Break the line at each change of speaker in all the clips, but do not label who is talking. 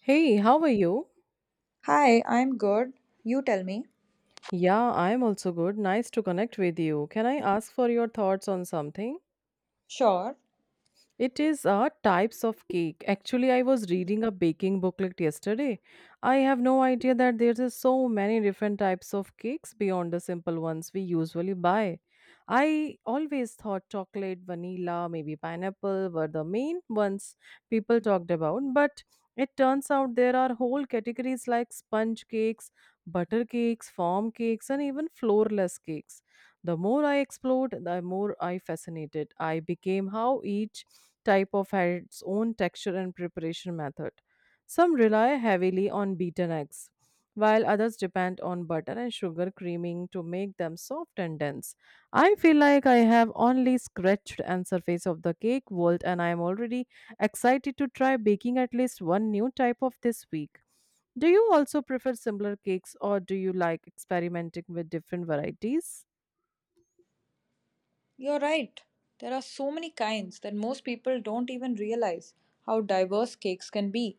Hey, how are you?
Hi, I'm good. You tell me.
Yeah, I'm also good. Nice to connect with you. Can I ask for your thoughts on something?
Sure,
It is types of cake. Actually, I was reading a baking booklet yesterday. I have no idea that there is so many different types of cakes beyond the simple ones we usually buy. I always thought chocolate, vanilla, maybe pineapple were the main ones people talked about, but it turns out there are whole categories like sponge cakes, butter cakes, form cakes, and even floorless cakes. The more I explored, the more I fascinated. I became how each type of had its own texture and preparation method. Some rely heavily on beaten eggs, while others depend on butter and sugar creaming to make them soft and dense. I feel like I have only scratched the surface of the cake world and I am already excited to try baking at least one new type of this week. Do you also prefer similar cakes or do you like experimenting with different varieties?
you're right. There are so many kinds that most people don't even realize how diverse cakes can be.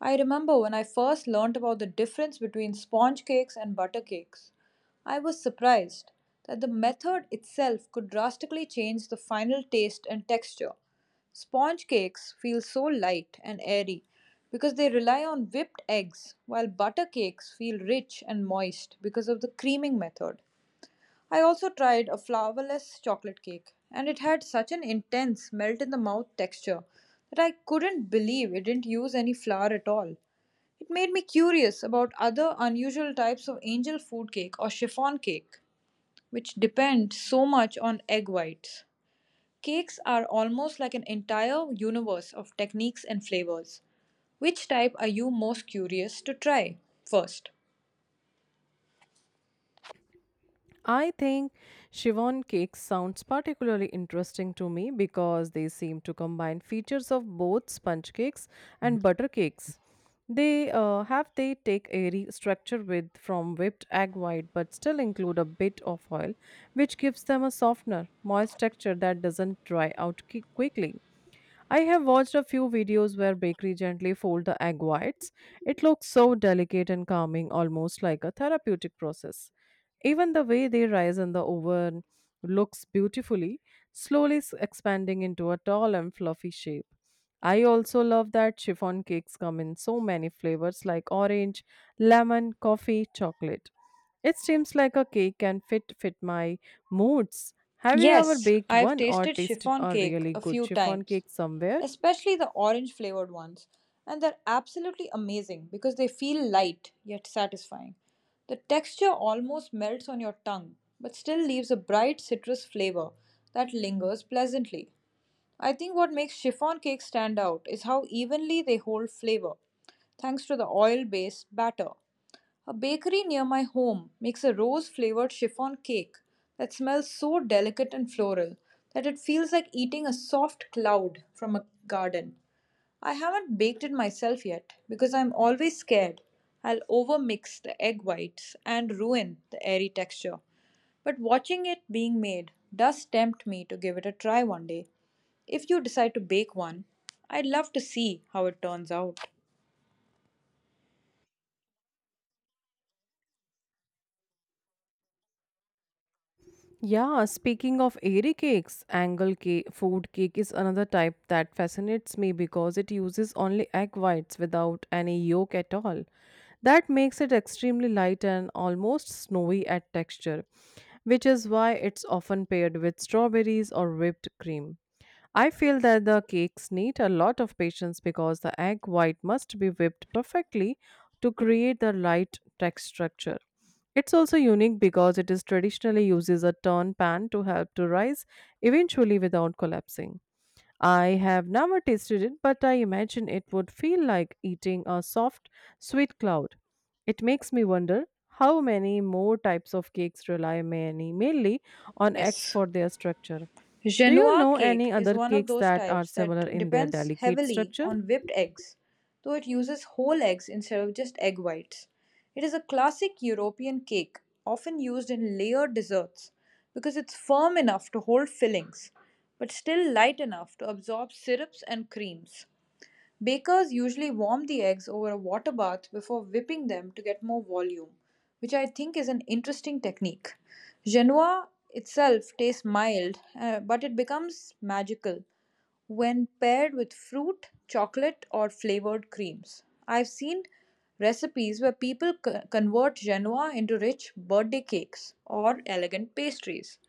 I remember when I first learned about the difference between sponge cakes and butter cakes. I was surprised that the method itself could drastically change the final taste and texture. Sponge cakes feel so light and airy because they rely on whipped eggs, while butter cakes feel rich and moist because of the creaming method. I also tried a flourless chocolate cake, and it had such an intense melt in the mouth texture that I couldn't believe it didn't use any flour at all. It made me curious about other unusual types of angel food cake or chiffon cake, which depend so much on egg whites. Cakes are almost like an entire universe of techniques and flavors. Which type are you most curious to try first?
I think chiffon cakes sounds particularly interesting to me because they seem to combine features of both sponge cakes and butter cakes. They have they take airy structure with from whipped egg white, but still include a bit of oil, which gives them a softener, moist texture that doesn't dry out quickly. I have watched a few videos where bakery gently fold the egg whites. It looks so delicate and calming, almost like a therapeutic process. Even the way they rise in the oven looks beautifully, slowly expanding into a tall and fluffy shape. I also love that chiffon cakes come in so many flavors like orange, lemon, coffee, chocolate. It seems like a cake can fit my moods. Have you ever
Yes,
baked
I've
one or
tasted
tasted
chiffon
a
cake
really
a
good
few
chiffon
times,
cake somewhere?
especially the orange flavored ones, and they're absolutely amazing because they feel light yet satisfying. The texture almost melts on your tongue, but still leaves a bright citrus flavor that lingers pleasantly. I think what makes chiffon cakes stand out is how evenly they hold flavor, thanks to the oil based batter. A bakery near my home makes a rose flavored chiffon cake that smells so delicate and floral that it feels like eating a soft cloud from a garden. I haven't baked it myself yet because I'm always scared I'll overmix the egg whites and ruin the airy texture. But watching it being made does tempt me to give it a try one day. If you decide to bake one, I'd love to see how it turns out.
Yeah, speaking of airy cakes, angle cake, food cake is another type that fascinates me because it uses only egg whites without any yolk at all. That makes it extremely light and almost snowy at texture, which is why it's often paired with strawberries or whipped cream. I feel that the cakes need a lot of patience because the egg white must be whipped perfectly to create the right text structure. It's also unique because it is traditionally uses a turn pan to help to rise eventually without collapsing. I have never tasted it, but I imagine it would feel like eating a soft, sweet cloud. It makes me wonder how many more types of cakes rely many mainly on eggs
Yes.
for their structure. Do you
Genoa
know
cake
any
is
other
one of
cakes
those
that are
types
similar
that
in their
depends
delicate
heavily
structure?
on whipped eggs, though it uses whole eggs instead of just egg whites. It is a classic European cake, often used in layered desserts because it's firm enough to hold fillings, but still light enough to absorb syrups and creams. Bakers usually warm the eggs over a water bath before whipping them to get more volume, which I think is an interesting technique. Genoa itself tastes mild, but it becomes magical when paired with fruit, chocolate, or flavored creams. I've seen recipes where convert Genoa into rich birthday cakes or elegant pastries.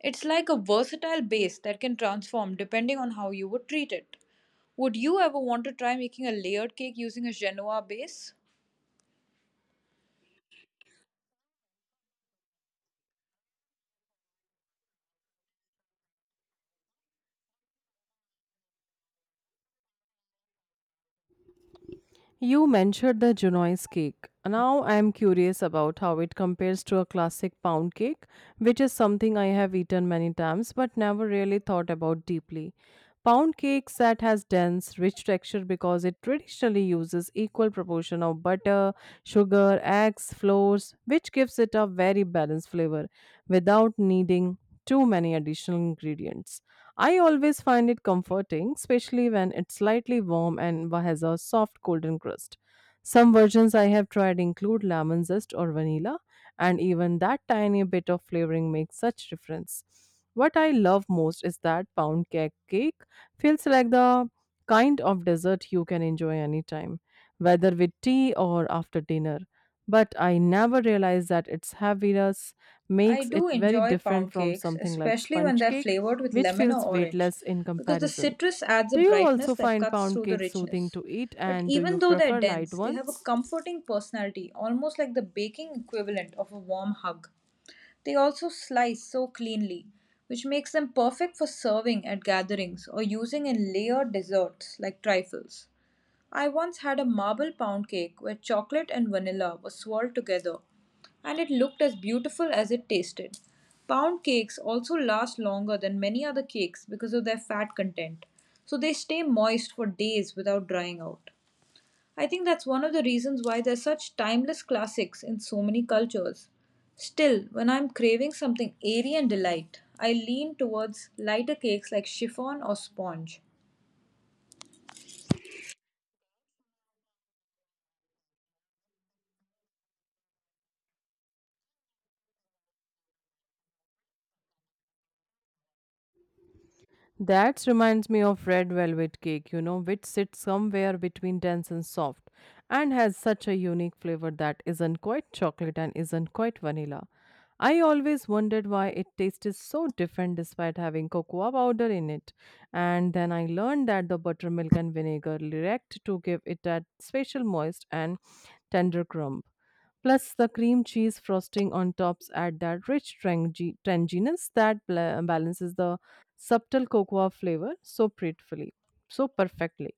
It's like a versatile base that can transform depending on how you would treat it. Would you ever want to try making a layered cake using a Genoa base?
You mentioned the Junoise cake. Now I am curious about how it compares to a classic pound cake, which is something I have eaten many times but never really thought about deeply. Pound cake that has dense, rich texture because it traditionally uses equal proportion of butter, sugar, eggs, flours, which gives it a very balanced flavor without needing too many additional ingredients. I always find it comforting, especially when it's slightly warm and has a soft golden crust. Some versions I have tried include lemon zest or vanilla, and even that tiny bit of flavoring makes such difference. What I love most is that pound cake feels like the kind of dessert you can enjoy anytime, whether with tea or after dinner. But I never realized that its heaviness
I
makes it
do
very
enjoy
different
pound
from
cakes,
something like
especially when
sponge
they're
cake
flavored with
which
lemon
feels
or orange,
weightless in
because the
comparison.
citrus adds a
Do you
brightness
also
that
find
cuts
pound
through the
cakes soothing
richness.
to eat
But
and do you
even though they're
prefer light
dense, they have a
ones?
comforting personality, almost like the baking equivalent of a warm hug. They also slice so cleanly, which makes them perfect for serving at gatherings or using in layered desserts like trifles. I once had a marble pound cake where chocolate and vanilla were swirled together, and it looked as beautiful as it tasted. Pound cakes also last longer than many other cakes because of their fat content, so they stay moist for days without drying out. I think that's one of the reasons why they're such timeless classics in so many cultures. Still, when I'm craving something airy and delight, I lean towards lighter cakes like chiffon or sponge.
That reminds me of red velvet cake, you know, which sits somewhere between dense and soft and has such a unique flavor that isn't quite chocolate and isn't quite vanilla. I always wondered why it tasted so different despite having cocoa powder in it. And then I learned that the buttermilk and vinegar react to give it that special moist and tender crumb. Plus, the cream cheese frosting on tops add that rich tanginess that balances the subtle cocoa flavor so perfectly.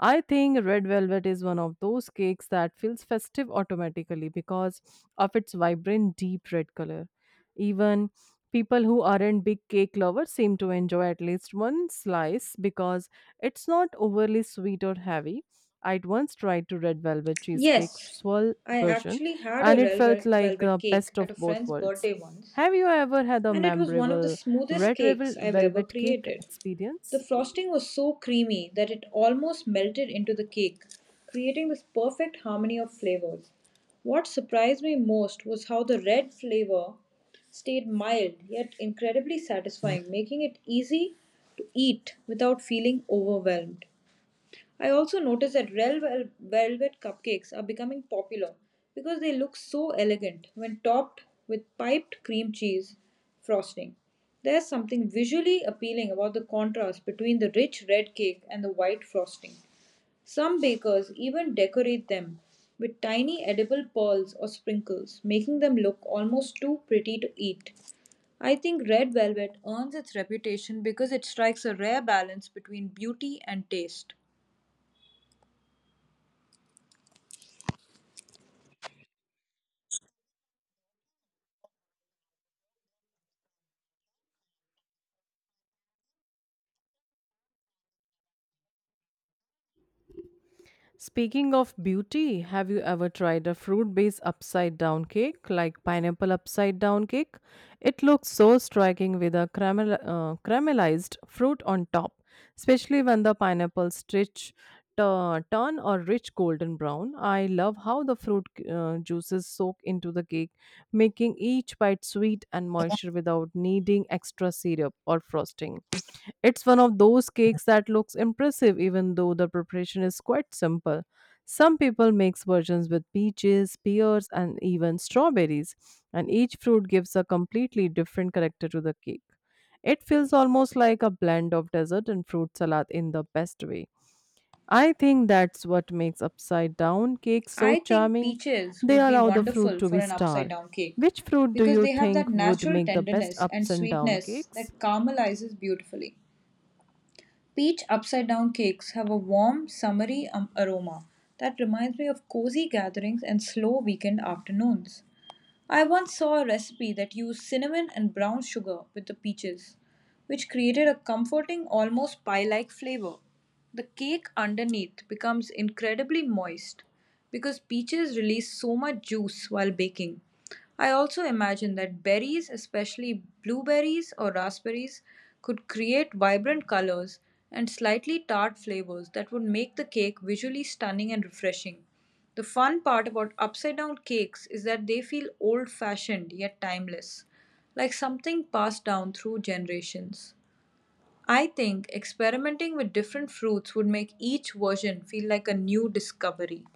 I think red velvet is one of those cakes that feels festive automatically because of its vibrant deep red color. Even people who aren't big cake lovers seem to enjoy at least one slice because it's not overly sweet or heavy. I'd once tried to red velvet cheesecake
Yes,
swirl
I
version
actually had
and
a
it felt like
velvet
the
cake
best of
at a
both
friend's
worlds.
birthday once,
Have you ever had a
and it was one of the
memorable
smoothest
red
cakes
velvet
I've ever
Cake
created. The
experience?
frosting was so creamy that it almost melted into the cake, creating this perfect harmony of flavors. What surprised me most was how the red flavor stayed mild yet incredibly satisfying, making it easy to eat without feeling overwhelmed. I also noticed that velvet cupcakes are becoming popular because they look so elegant when topped with piped cream cheese frosting. There's something visually appealing about the contrast between the rich red cake and the white frosting. Some bakers even decorate them with tiny edible pearls or sprinkles, making them look almost too pretty to eat. I think red velvet earns its reputation because it strikes a rare balance between beauty and taste.
Speaking of beauty, have you ever tried a fruit based upside down cake like pineapple upside down cake? It looks so striking with a caramelized fruit on top, especially when the pineapple stitch turn a rich golden brown. I love how the fruit juices soak into the cake, making each bite sweet and moisture without needing extra syrup or frosting. It's one of those cakes that looks impressive even though the preparation is quite simple. Some people make versions with peaches, pears, and even strawberries, and each fruit gives a completely different character to the cake. It feels almost like a blend of dessert and fruit salad in the best way. I think that's what makes upside down cakes so
I think
charming.
peaches
They
would be
allow the fruit
wonderful
to
for
be
an upside
star.
down cake
Which fruit do
because
you
they have that
think would
natural
make the best
tenderness and
ups and down
sweetness
cakes?
that caramelizes beautifully. Peach upside down cakes have a warm, summery aroma that reminds me of cozy gatherings and slow weekend afternoons. I once saw a recipe that used cinnamon and brown sugar with the peaches, which created a comforting, almost pie like flavor. The cake underneath becomes incredibly moist because peaches release so much juice while baking. I also imagine that berries, especially blueberries or raspberries, could create vibrant colors and slightly tart flavors that would make the cake visually stunning and refreshing. The fun part about upside down cakes is that they feel old fashioned yet timeless, like something passed down through generations. I think experimenting with different fruits would make each version feel like a new discovery.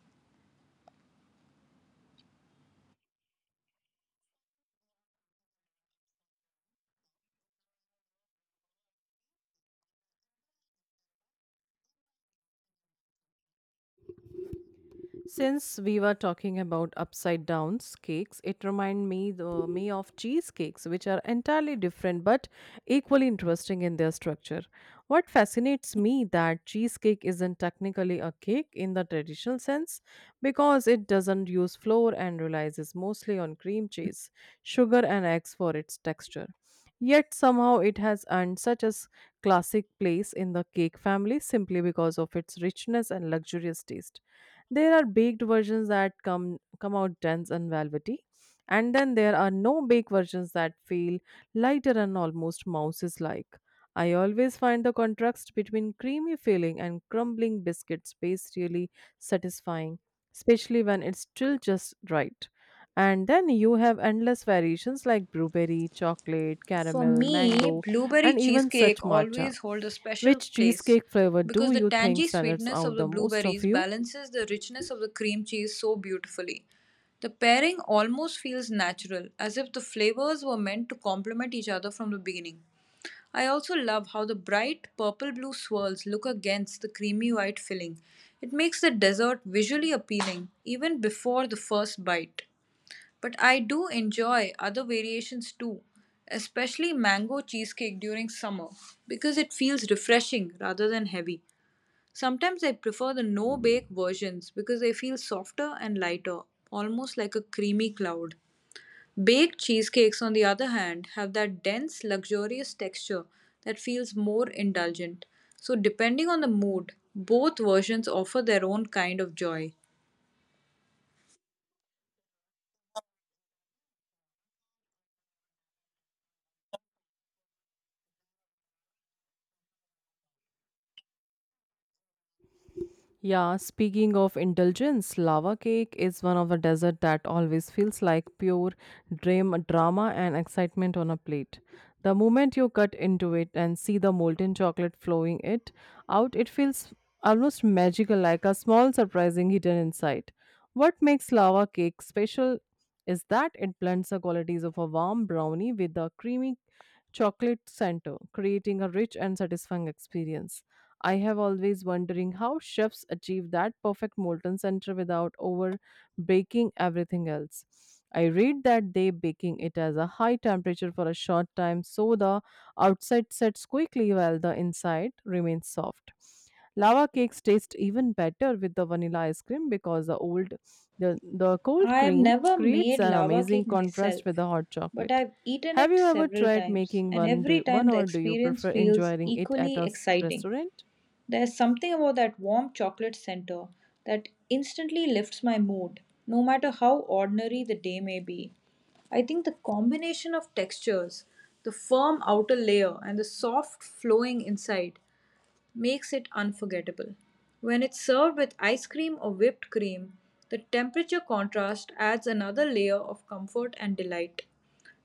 Since we were talking about upside downs cakes, it remind me the me of cheesecakes, which are entirely different but equally interesting in their structure. What fascinates me that cheesecake isn't technically a cake in the traditional sense because it doesn't use flour and relies mostly on cream cheese, sugar, and eggs for its texture. Yet somehow it has earned such a classic place in the cake family simply because of its richness and luxurious taste. There are baked versions that come out dense and velvety, and then there are no bake versions that feel lighter and almost mouses like. I always find the contrast between creamy filling and crumbling biscuit space really satisfying, especially when it's still just right. And then you have endless variations like blueberry, chocolate,
For
caramel,
me,
mango,
blueberry
and even such
cheesecake
matcha.
always holds a special
Which
place
cheesecake flavor do
because the
you think
tangy
stands
sweetness
out
of the
the most of
blueberries
you?
balances the richness of the cream cheese so beautifully. The pairing almost feels natural, as if the flavors were meant to complement each other from the beginning. I also love how the bright purple blue swirls look against the creamy white filling. It makes the dessert visually appealing even before the first bite. But I do enjoy other variations too, especially mango cheesecake during summer because it feels refreshing rather than heavy. Sometimes I prefer the no bake versions because they feel softer and lighter, almost like a creamy cloud. Baked cheesecakes, on the other hand, have that dense, luxurious texture that feels more indulgent. So, depending on the mood, both versions offer their own kind of joy.
Yeah, speaking of indulgence, lava cake is one of the dessert that always feels like pure dream drama and excitement on a plate. The moment you cut into it and see the molten chocolate flowing it out, it feels almost magical, like a small surprising hidden inside. What makes lava cake special is that it blends the qualities of a warm brownie with a creamy chocolate center, creating a rich and satisfying experience. I have always wondering how chefs achieve that perfect molten center without over baking everything else. I read that they baking it as a high temperature for a short time so the outside sets quickly while the inside remains soft. Lava cakes taste even better with the vanilla ice cream because the cold
I've
cream
never
creates
made
an
lava
amazing
cake
contrast with
myself,
the hot
but
chocolate.
I've eaten
Have
it
you ever
several
tried
times,
making
and every
one
time the
or do you
experience
prefer
feels
enjoying it at
equally
a
exciting.
restaurant?
There's something about that warm chocolate center that instantly lifts my mood, no matter how ordinary the day may be. I think the combination of textures, the firm outer layer, and the soft flowing inside makes it unforgettable. When it's served with ice cream or whipped cream, the temperature contrast adds another layer of comfort and delight.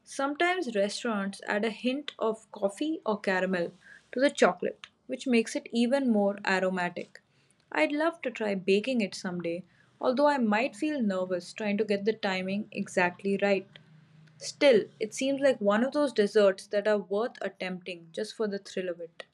Sometimes restaurants add a hint of coffee or caramel to the chocolate, which makes it even more aromatic. I'd love to try baking it someday, although I might feel nervous trying to get the timing exactly right. Still, it seems like one of those desserts that are worth attempting just for the thrill of it.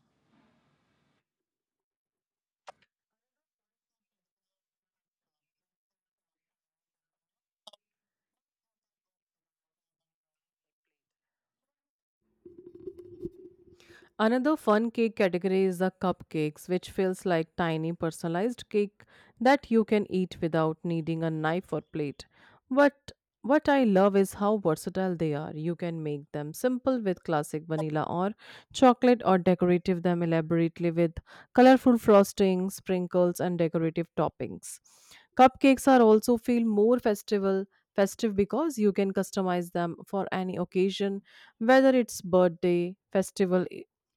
Another fun cake category is the cupcakes, which feels like tiny personalized cake that you can eat without needing a knife or plate. But what I love is how versatile they are. You can make them simple with classic vanilla or chocolate or decorative them elaborately with colorful frosting, sprinkles and decorative toppings. Cupcakes are also feel more festival festive because you can customize them for any occasion whether it's birthday festival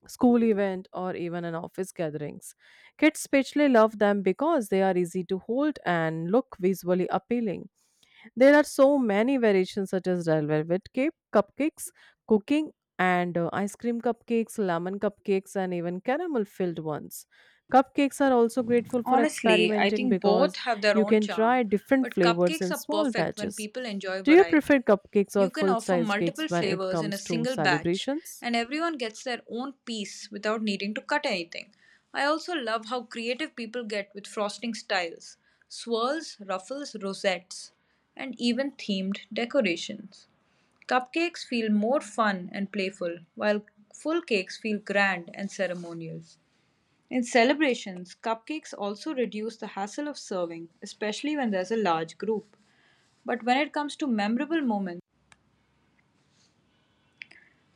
school event or even an office gatherings. Kids especially love them because they are easy to hold and look visually appealing. There are so many variations such as red velvet cake, cupcakes, cooking and ice cream cupcakes, lemon cupcakes and even caramel filled ones. Cupcakes are also grateful for
Honestly, I
experimenting
think
because
both have their
you
own
can
charm,
try different
but
flavors
cupcakes
in
are
small
perfect when
batches.
people enjoy
Do you prefer
variety.
cupcakes or
You can
full
offer
sized cakes
multiple
when it
flavors in a
comes to
single batch,
celebrations?
and everyone gets their own piece without needing to cut anything. I also love how creative people get with frosting styles swirls, ruffles, rosettes, and even themed decorations. Cupcakes feel more fun and playful, while full cakes feel grand and ceremonial. In celebrations, cupcakes also reduce the hassle of serving, especially when there's a large group. But when it comes to memorable moments,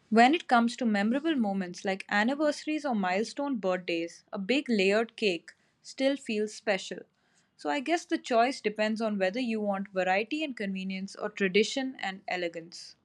When it comes to memorable moments like anniversaries or milestone birthdays, a big layered cake still feels special. So I guess the choice depends on whether you want variety and convenience or tradition and elegance.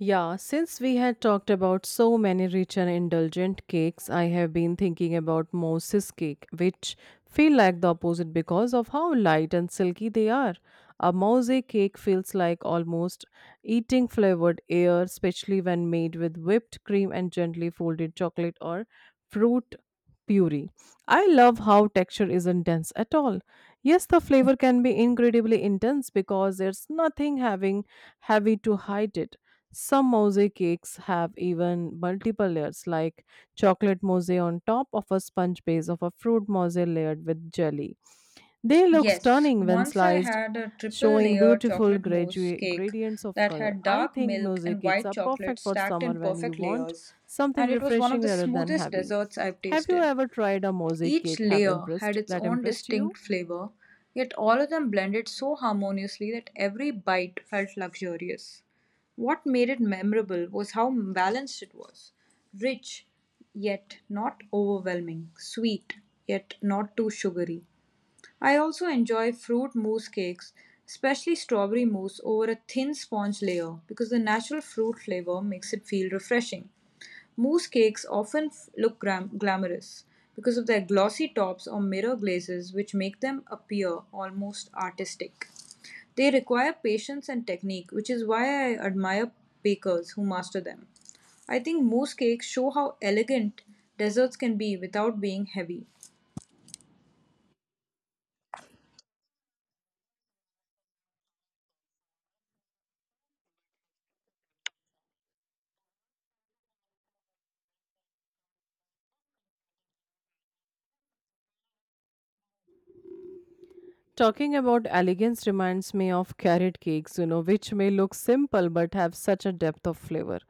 Yeah, since we had talked about so many rich and indulgent cakes, I have been thinking about Moses cake, which feel like the opposite because of how light and silky they are. A mosaic cake feels like almost eating flavored air, especially when made with whipped cream and gently folded chocolate or fruit puree. I love how texture isn't dense at all. Yes, the flavor can be incredibly intense because there's nothing having heavy to hide it. Some mousse cakes have even multiple layers, like chocolate mousse on top of a sponge base of a fruit mousse layered with jelly. They look
Yes,
stunning when
once I
sliced,
had a triple
showing
layer
beautiful
chocolate mousse cake
gradients of
that
color.
had
I
dark
think
milk
music
and
cakes
white
are
chocolate
perfect for
stacked
summer
in
when you
perfect
want
layers,
something
and it was one of
refreshing
the
rather than
smoothest
heavy.
desserts I've
Have you
tasted.
ever tried a mosaic
Each
cake have
layer
impressed
had its
that
own
impressed you?
distinct flavor, yet all of them blended so harmoniously that every bite felt luxurious. What made it memorable was how balanced it was rich, yet not overwhelming, sweet, yet not too sugary, I also enjoy fruit mousse cakes, especially strawberry mousse over a thin sponge layer because the natural fruit flavor makes it feel refreshing. Mousse cakes often glamorous because of their glossy tops or mirror glazes, which make them appear almost artistic. They require patience and technique, which is why I admire bakers who master them. I think mousse cakes show how elegant desserts can be without being heavy.
Talking about elegance reminds me of carrot cakes, you know, which may look simple but have such a depth of flavor.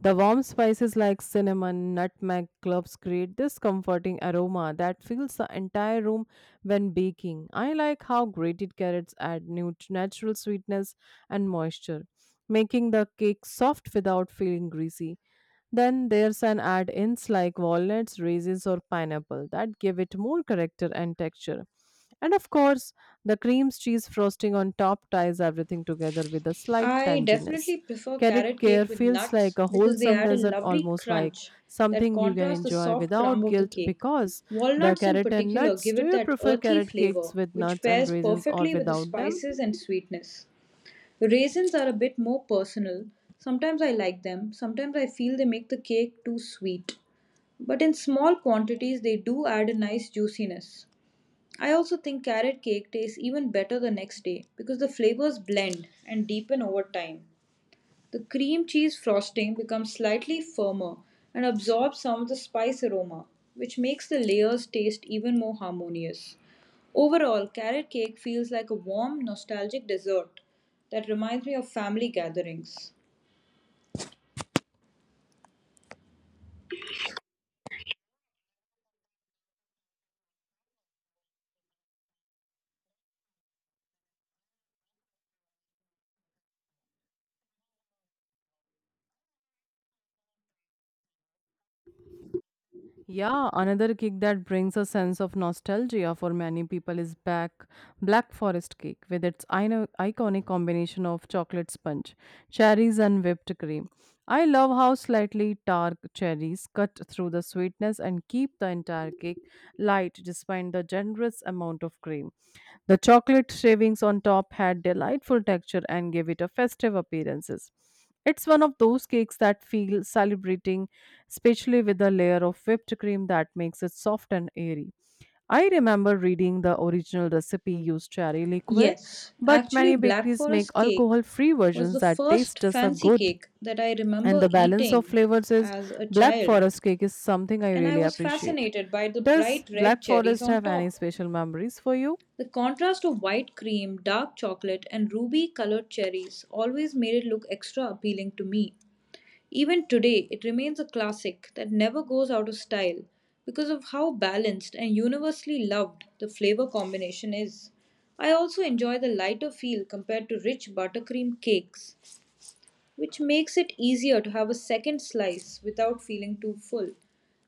The warm spices like cinnamon, nutmeg, cloves create this comforting aroma that fills the entire room when baking. I like how grated carrots add natural sweetness and moisture, making the cake soft without feeling greasy. Then there's an add-ins like walnuts, raisins, or pineapple that give it more character and texture. And of course, the cream cheese frosting on top ties everything together with a slight
I
tanginess.
definitely prefer
Carrot
carrot
care
cake with
feels like
nuts
a
because they
wholesome
add a
dessert,
lovely
almost like
crunch that
something you can
contrasts the
enjoy
soft crumb
without
of the
guilt
cake.
because the
Walnuts, in
carrot and
particular,
nuts.
give
Do
it
you
that
prefer
earthy
carrot cakes
flavor
with
which
nuts and
pairs
raisins or
perfectly with the
without them?
spices and sweetness. Raisins are a bit more personal. Sometimes I like them, sometimes I feel they make the cake too sweet. But in small quantities, they do add a nice juiciness. I also think carrot cake tastes even better the next day because the flavors blend and deepen over time. The cream cheese frosting becomes slightly firmer and absorbs some of the spice aroma, which makes the layers taste even more harmonious. Overall, carrot cake feels like a warm, nostalgic dessert that reminds me of family gatherings.
Yeah, another cake that brings a sense of nostalgia for many people is back Black Forest cake with its iconic combination of chocolate sponge, cherries and whipped cream. I love how slightly dark cherries cut through the sweetness and keep the entire cake light despite the generous amount of cream. The chocolate shavings on top had delightful texture and gave it a festive appearances. It's one of those cakes that feel celebrating, especially with the layer of whipped cream that makes it soft and airy. I remember reading the original recipe used cherry liqueur,
Yes,
but
actually,
many
Black
bakeries make
Forest cake
alcohol-free
was
versions
the
that taste
first
just as
fancy
good.
cake that I
And
remember
the balance of
eating
flavors is,
as a
Black
child,
Forest cake is something I
and I
really
was
appreciate.
fascinated by the
Does
bright
Black
red cherries
Forest have
on
any
top.
special memories for you?
The contrast of white cream, dark chocolate, and ruby colored cherries always made it look extra appealing to me. Even today, it remains a classic that never goes out of style because of how balanced and universally loved the flavor combination is. I also enjoy the lighter feel compared to rich buttercream cakes which makes it easier to have a second slice without feeling too full.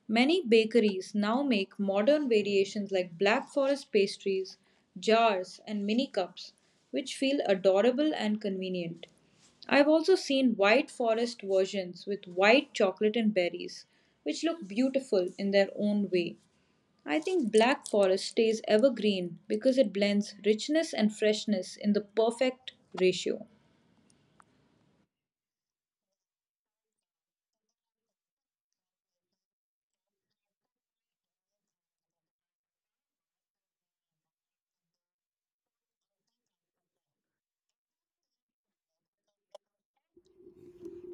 Many bakeries now make modern variations like black forest pastries, jars, and mini cups, which feel adorable and convenient. I've also seen white forest versions with white chocolate and berries, which look beautiful in their own way. I think black forest stays evergreen because it blends richness and freshness in the perfect ratio.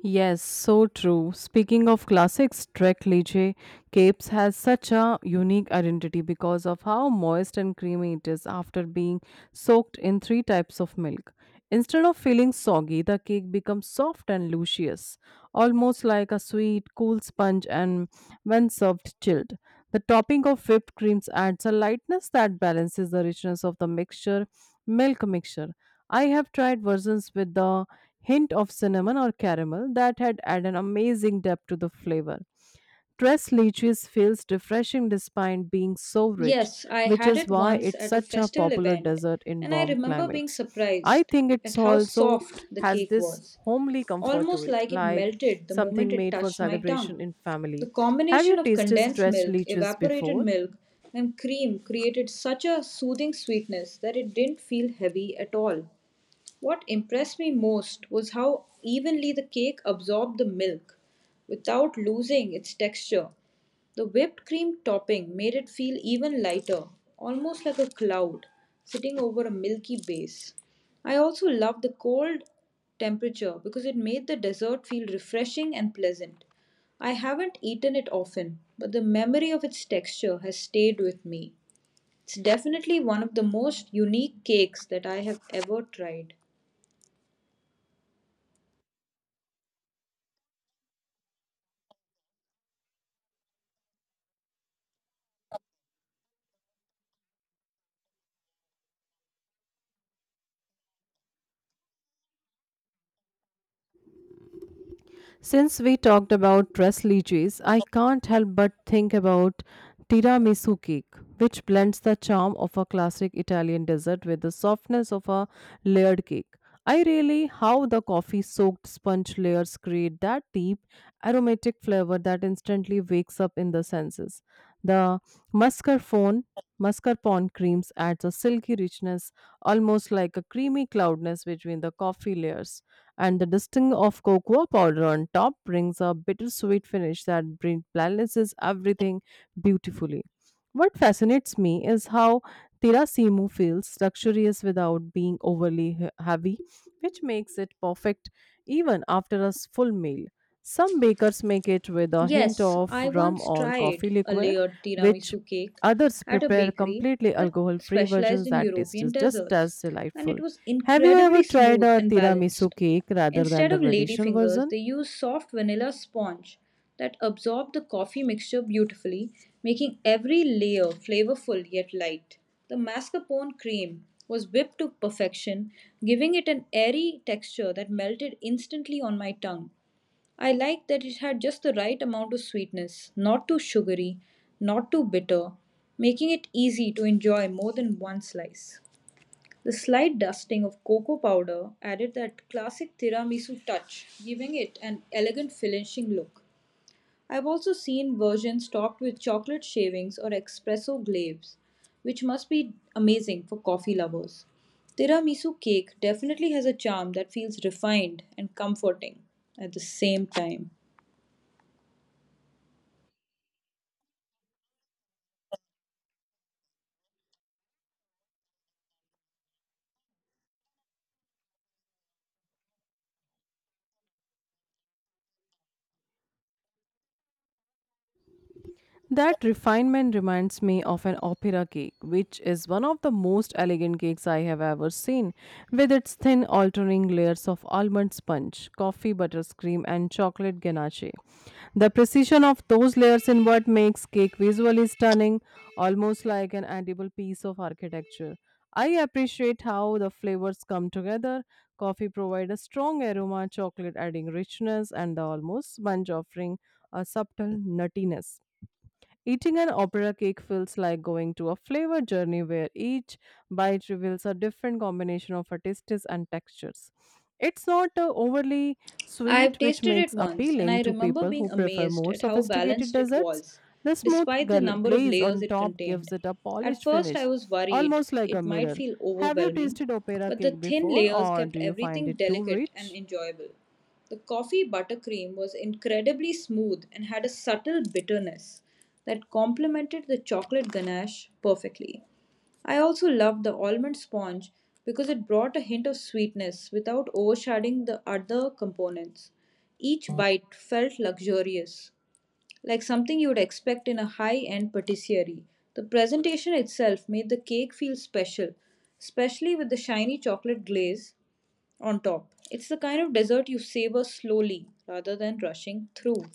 Yes, so true. Speaking of classics, Trek Liche Capes has such a unique identity because of how moist and creamy it is after being soaked in three types of milk. Instead of feeling soggy, the cake becomes soft and luscious, almost like a sweet, cool sponge, and when served chilled. The topping of whipped creams adds a lightness that balances the richness of the mixture, milk mixture. I have tried versions with the hint of cinnamon or caramel that had added an amazing depth to the flavor. Dressed leches feels refreshing despite being so rich,
Yes, I
which
had
is
it
why
once
it's
at a
such a
festival
popular
event,
dessert in
and I
warm
remember being
climates. I
surprised
think it's
at how
also
soft the
has
cake
this
was,
homely comfort to
almost
it,
like it
like
melted the moment
something
it
made for
touched my
celebration
tongue.
in family.
The
Have
combination
you
of
tasted
condensed
stressed
milk,
leches
evaporated
before?
milk, and cream created such a soothing sweetness that it didn't feel heavy at all. What impressed me most was how evenly the cake absorbed the milk without losing its texture. The whipped cream topping made it feel even lighter, almost like a cloud sitting over a milky base. I also loved the cold temperature because it made the dessert feel refreshing and pleasant. I haven't eaten it often, but the memory of its texture has stayed with me. It's definitely one of the most unique cakes that I have ever tried.
Since we talked about dress lychees, I can't help but think about tiramisu cake, which blends the charm of a classic Italian dessert with the softness of a layered cake. I really how the coffee soaked sponge layers create that deep aromatic flavor that instantly wakes up in the senses. The mascarpone mascarpone creams adds a silky richness almost like a creamy cloudness between the coffee layers. And the dusting of cocoa powder on top brings a bittersweet finish that balances everything beautifully. What fascinates me is how Tirasimu feels luxurious without being overly heavy, which makes it perfect even after a full meal. Some bakers make it with a hint
Yes,
of
I
rum
once
or coffee
tried a
liqueur,
layered
which
tiramisu cake
others
at a
prepare
bakery
completely
that
alcohol free
specialized
versions
in
that taste
European
is just
desserts,
as
and it
delightful.
was
Have you ever
incredibly
tried
smooth
a
and
tiramisu
balanced.
cake rather than
Instead
the
of
traditional
ladyfingers,
version?
they used soft vanilla sponge that absorbed the coffee mixture beautifully, making every layer flavorful yet light. The mascarpone cream was whipped to perfection, giving it an airy texture that melted instantly on my tongue. I liked that it had just the right amount of sweetness, not too sugary, not too bitter, making it easy to enjoy more than one slice. The slight dusting of cocoa powder added that classic tiramisu touch, giving it an elegant finishing look. I've also seen versions topped with chocolate shavings or espresso glaze, which must be amazing for coffee lovers. Tiramisu cake definitely has a charm that feels refined and comforting at the same time.
That refinement reminds me of an opera cake, which is one of the most elegant cakes I have ever seen, with its thin alternating layers of almond sponge, coffee butterscream, and chocolate ganache. The precision of those layers in what makes cake visually stunning, almost like an edible piece of architecture. I appreciate how the flavors come together. Coffee provides a strong aroma, chocolate adding richness, and the almost sponge offering a subtle nuttiness. Eating an opera cake feels like going to a flavor journey where each bite reveals a different combination of tastes and textures. It's not overly
I've
sweet, which
tasted
makes
it once and
appealing
I
to
remember
people who
being
prefer
amazed
more
at how
sophisticated
balanced it
desserts.
was,
The smooth
despite the number of
glaze
layers
on
it
top gives
contained.
it a
At
polished
first, I
finish,
was worried
almost like a
it might
mirror.
feel
Have you
overwhelming,
tasted opera
but the
cake
thin
before,
layers
or
kept
do you find
everything
it too
delicate and
rich?
enjoyable. The coffee buttercream was incredibly smooth and had a subtle bitterness that complemented the chocolate ganache perfectly. I also loved the almond sponge because it brought a hint of sweetness without overshadowing the other components. Each bite felt luxurious, like something you would expect in a high end patisserie. The presentation itself made the cake feel special, especially with the shiny chocolate glaze on top. It's the kind of dessert you savor slowly rather than rushing through.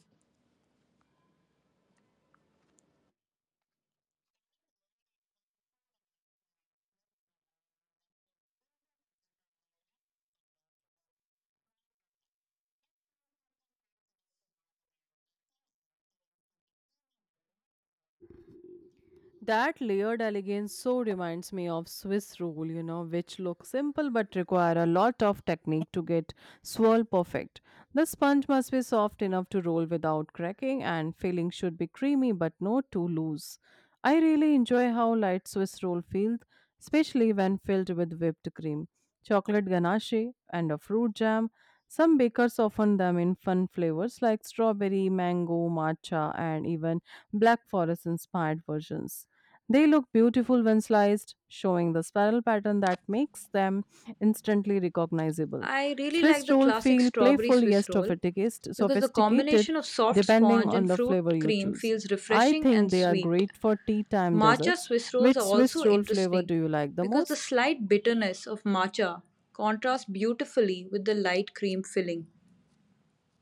That layered elegance so reminds me of Swiss roll, you know, which look simple but require a lot of technique to get swirl perfect. The sponge must be soft enough to roll without cracking, and filling should be creamy but not too loose. I really enjoy how light Swiss roll feels, especially when filled with whipped cream, chocolate ganache, and a fruit jam. Some bakers often them in fun flavors like strawberry, mango, matcha, and even Black Forest inspired versions. They look beautiful when sliced, showing the spiral pattern that makes them instantly recognizable.
I really like
Swiss
the
roll
classic
feel
strawberry
playful yet
Swiss roll because the
sophisticated
combination of soft
depending
sponge
on
and
the
fruit
flavor you
cream
choose.
feels
I
refreshing
think
and
they are
sweet.
great for tea time
Matcha
desserts.
Swiss rolls
Which
are
Swiss
also
roll flavor do
interesting
you like the
because the
most?
slight bitterness of matcha contrasts beautifully with the light cream filling.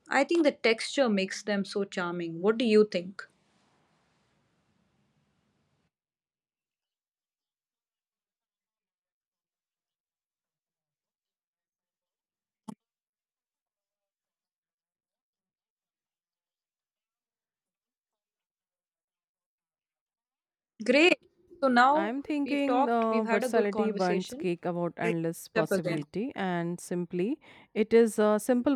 I think the texture makes them so charming. What do you think? Great. So now
I'm thinking the
we've had a good
versatility buns
conversation.
cake about endless
Up again.
possibility and simply it is a simple